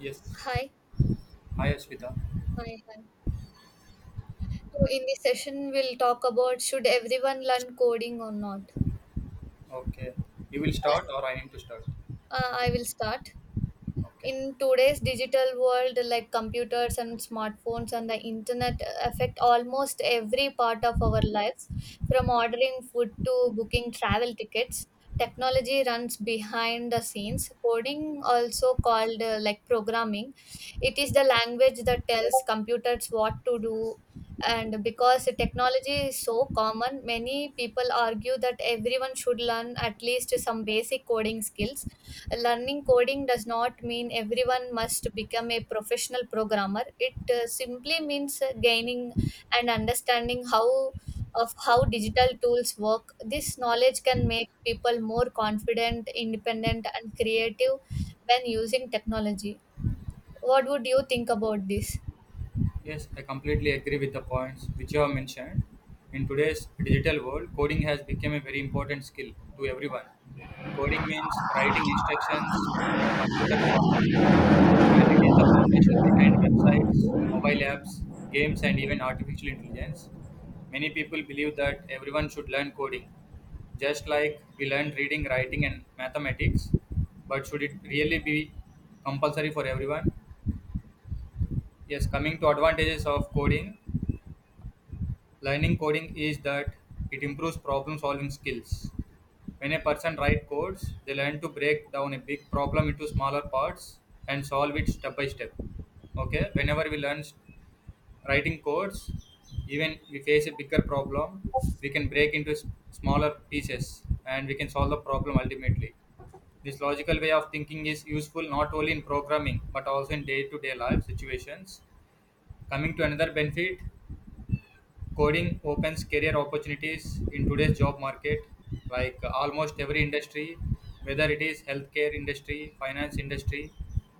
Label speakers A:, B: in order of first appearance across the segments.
A: Yes.
B: Hi,
A: Hi, Ashvita.
B: hi, hi. So in this session, we'll talk about should everyone learn coding or not.
A: Okay. You will
B: Uh,
A: start or I need to start?
B: I will start.
A: Okay.
B: In today's digital world, like computers and smartphones and the internet affect almost every part of our lives, from ordering food to booking travel tickets. Technology runs behind the scenes. Coding, also called like programming, it is the language that tells computers what to do. And because technology is so common, many people argue that everyone should learn at least some basic coding skills. Learning coding does not mean everyone must become a professional programmer. It simply means gaining and understanding how of how digital tools work. This knowledge can make people more confident, independent and creative when using technology. What would you think about this?
A: Yes, I completely agree with the points which you have mentioned. In today's digital world, coding has become a very important skill to everyone. Coding means writing instructions that computers follow, and it is the foundation behind websites, mobile apps, games, and even artificial intelligence. Many people believe that everyone should learn coding, just like we learn reading, writing, and mathematics. But should it really be compulsory for everyone? Yes, coming to advantages of coding, learning coding is that it improves problem solving skills. When a person writes codes, they learn to break down a big problem into smaller parts and solve it step by step. Okay, whenever we learn writing codes, even we face a bigger problem, we can break into smaller pieces and we can solve the problem ultimately. This logical way of thinking is useful not only in programming but also in day to day life situations. Coming to another benefit, coding opens career opportunities in today's job market, like almost every industry, whether it is healthcare industry, finance industry,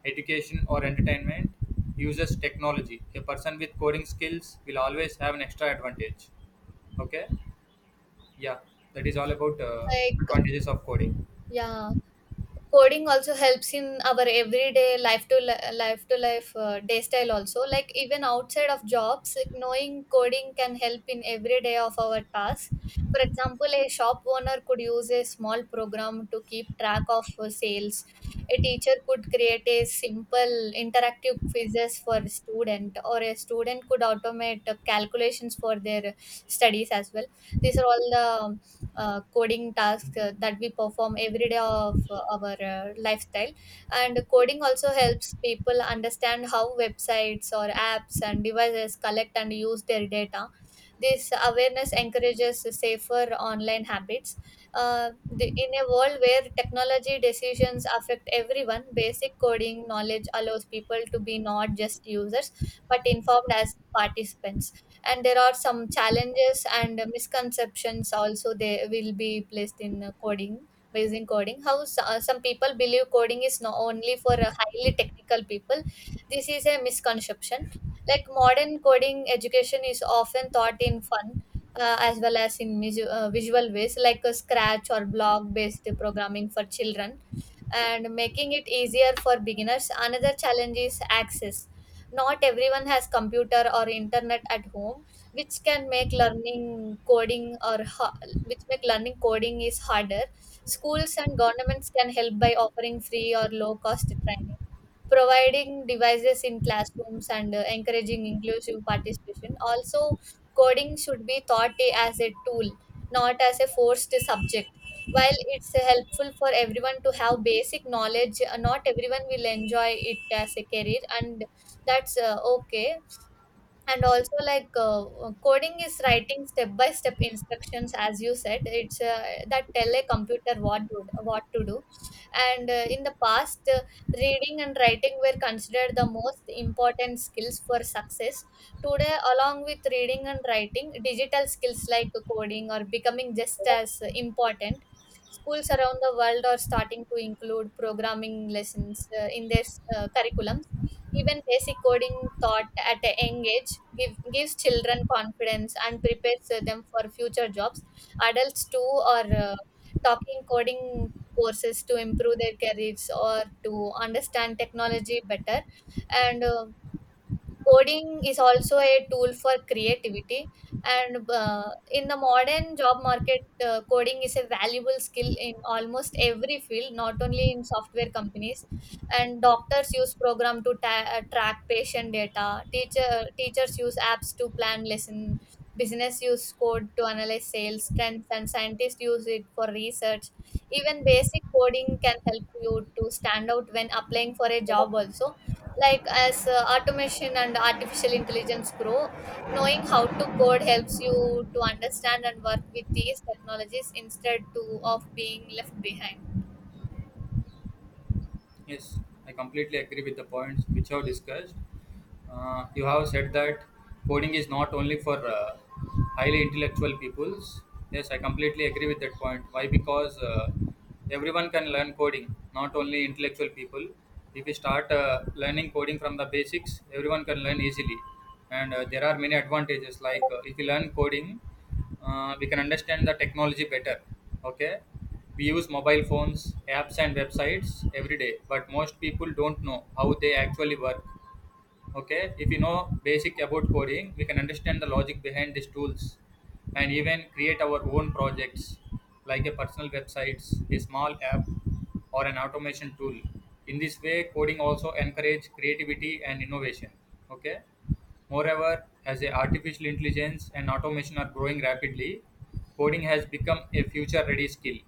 A: education or entertainment, uses technology. A person with coding skills will always have an extra advantage. Okay, yeah, that is all about
B: Like,
A: advantages of coding.
B: yeah, coding also helps in our everyday life to life day style also, like even outside of jobs, like knowing coding can help in every day of our tasks. For example, a shop owner could use a small program to keep track of sales. A teacher could create a simple interactive quizzes for a student, or a student could automate calculations for their studies as well. These are all the coding tasks that we perform every day of our lifestyle. And coding also helps people understand how websites or apps and devices collect and use their data. This awareness encourages safer online habits. In a world where technology decisions affect everyone, basic coding knowledge allows people to be not just users but informed as participants. And there are some challenges and misconceptions also they will be placed in coding, based in coding how s- some people believe coding is not only for highly technical people. This is a misconception. Like modern coding education is often taught in fun as well as in visual ways, like a scratch or block based programming for children, and making it easier for beginners. Another challenge is access. Not everyone has computer or internet at home, which can make learning coding or which make learning coding is harder. Schools and governments can help by offering free or low cost training, providing devices in classrooms and encouraging inclusive participation. Also, coding should be taught as a tool, not as a forced subject. While it's helpful for everyone to have basic knowledge, not everyone will enjoy it as a career, and that's okay. And also like coding is writing step by step instructions, as you said. It's that tell a computer what to do. And in the past, reading and writing were considered the most important skills for success. Today, along with reading and writing, digital skills like coding are becoming just as important. Schools around the world are starting to include programming lessons in their curriculum. Even basic coding taught at a young age gives children confidence and prepares them for future jobs. Adults too are talking coding courses to improve their careers or to understand technology better. And coding is also a tool for creativity, and in the modern job market, coding is a valuable skill in almost every field, not only in software companies. And doctors use program to track patient data. Teachers use apps to plan lesson. Business use code to analyze sales trends, and scientists use it for research. Even basic coding can help you to stand out when applying for a job also, like as automation and artificial intelligence grow, knowing how to code helps you to understand and work with these technologies instead to of being left behind.
A: Yes, I completely agree with the points which you have discussed. You have said that coding is not only for highly intellectual peoples. Yes, I completely agree with that point. Why? Because everyone can learn coding, not only intellectual people. If we start learning coding from the basics, everyone can learn easily. And there are many advantages, like if you learn coding, we can understand the technology better. Okay, we use mobile phones, apps and websites every day, but most people don't know how they actually work. Okay, if you know basic about coding, we can understand the logic behind these tools and even create our own projects, like a personal websites, a small app, or an automation tool. In this way, coding also encourage creativity and innovation. Okay, moreover, as a artificial intelligence and automation are growing rapidly, coding has become a future ready skill,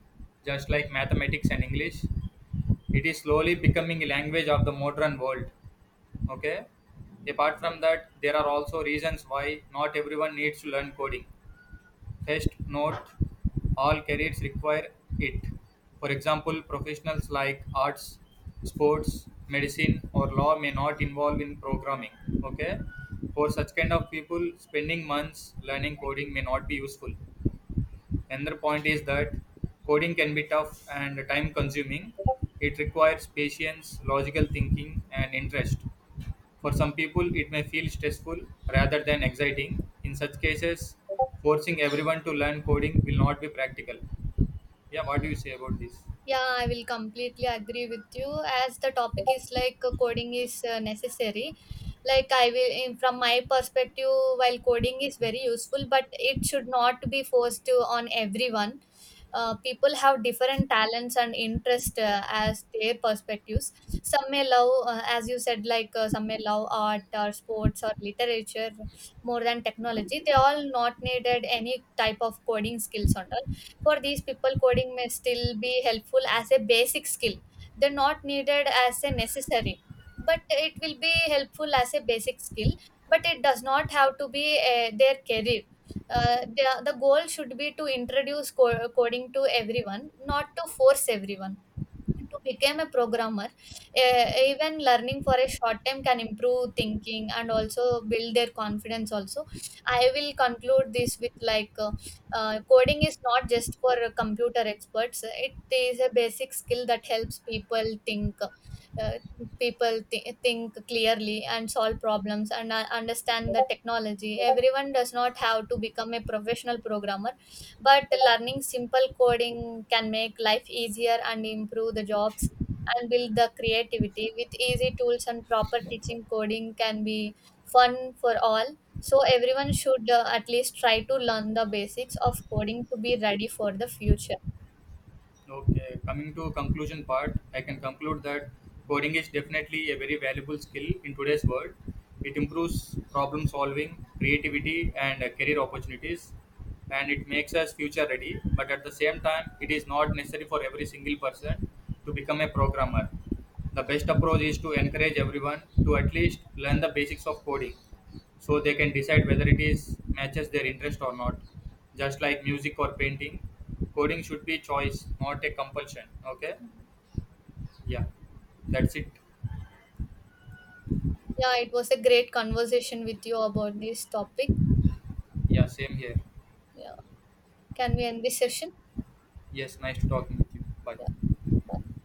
A: just like mathematics and English. It is slowly becoming a language of the modern world. Okay. Apart from that, there are also reasons why not everyone needs to learn coding. First, not all careers require it. For example, professionals like arts, sports, medicine, or law may not involve in programming. Okay. For such kind of people, spending months learning coding may not be useful. Another point is that coding can be tough and time consuming. It requires patience, logical thinking, and interest. For some people, it may feel stressful rather than exciting. In such cases, forcing everyone to learn coding will not be practical. Yeah, what do you say about this?
B: Yeah, I will completely agree with you. As the topic is like coding is necessary. Like I will from my perspective, while coding is very useful but it should not be forced to on everyone. People have different talents and interest as their perspectives. Some may love as you said like some may love art or sports or literature more than technology. They all not needed any type of coding skills on. For these people, coding may still be helpful as a basic skill. They're not needed as a necessary, but it will be helpful as a basic skill, but it does not have to be their career. The goal should be to introduce coding to everyone, not to force everyone to become a programmer. E- even learning for a short time can improve thinking and also build their confidence also. I will conclude this with like coding is not just for computer experts. It is a basic skill that helps people think, uh, think clearly and solve problems and understand the technology. Everyone does not have to become a professional programmer, but learning simple coding can make life easier and improve the jobs and build the creativity. With easy tools and proper teaching, coding can be fun for all. So, everyone should at least try to learn the basics of coding to be ready for the future.
A: Okay, coming to conclusion part, I can conclude that coding is definitely a very valuable skill in today's world. It improves problem solving, creativity, and career opportunities, and it makes us future ready. But at the same time, it is not necessary for every single person to become a programmer. The best approach is to encourage everyone to at least learn the basics of coding, so they can decide whether it is matches their interest or not. Just like music or painting, coding should be choice, not a compulsion. Okay, yeah, that's it.
B: Yeah, it was a great conversation with you about this topic.
A: Yeah, same here.
B: Yeah. Can we end this session?
A: Yes, nice to talking with you.
B: Yeah.
A: Bye.
B: Bye.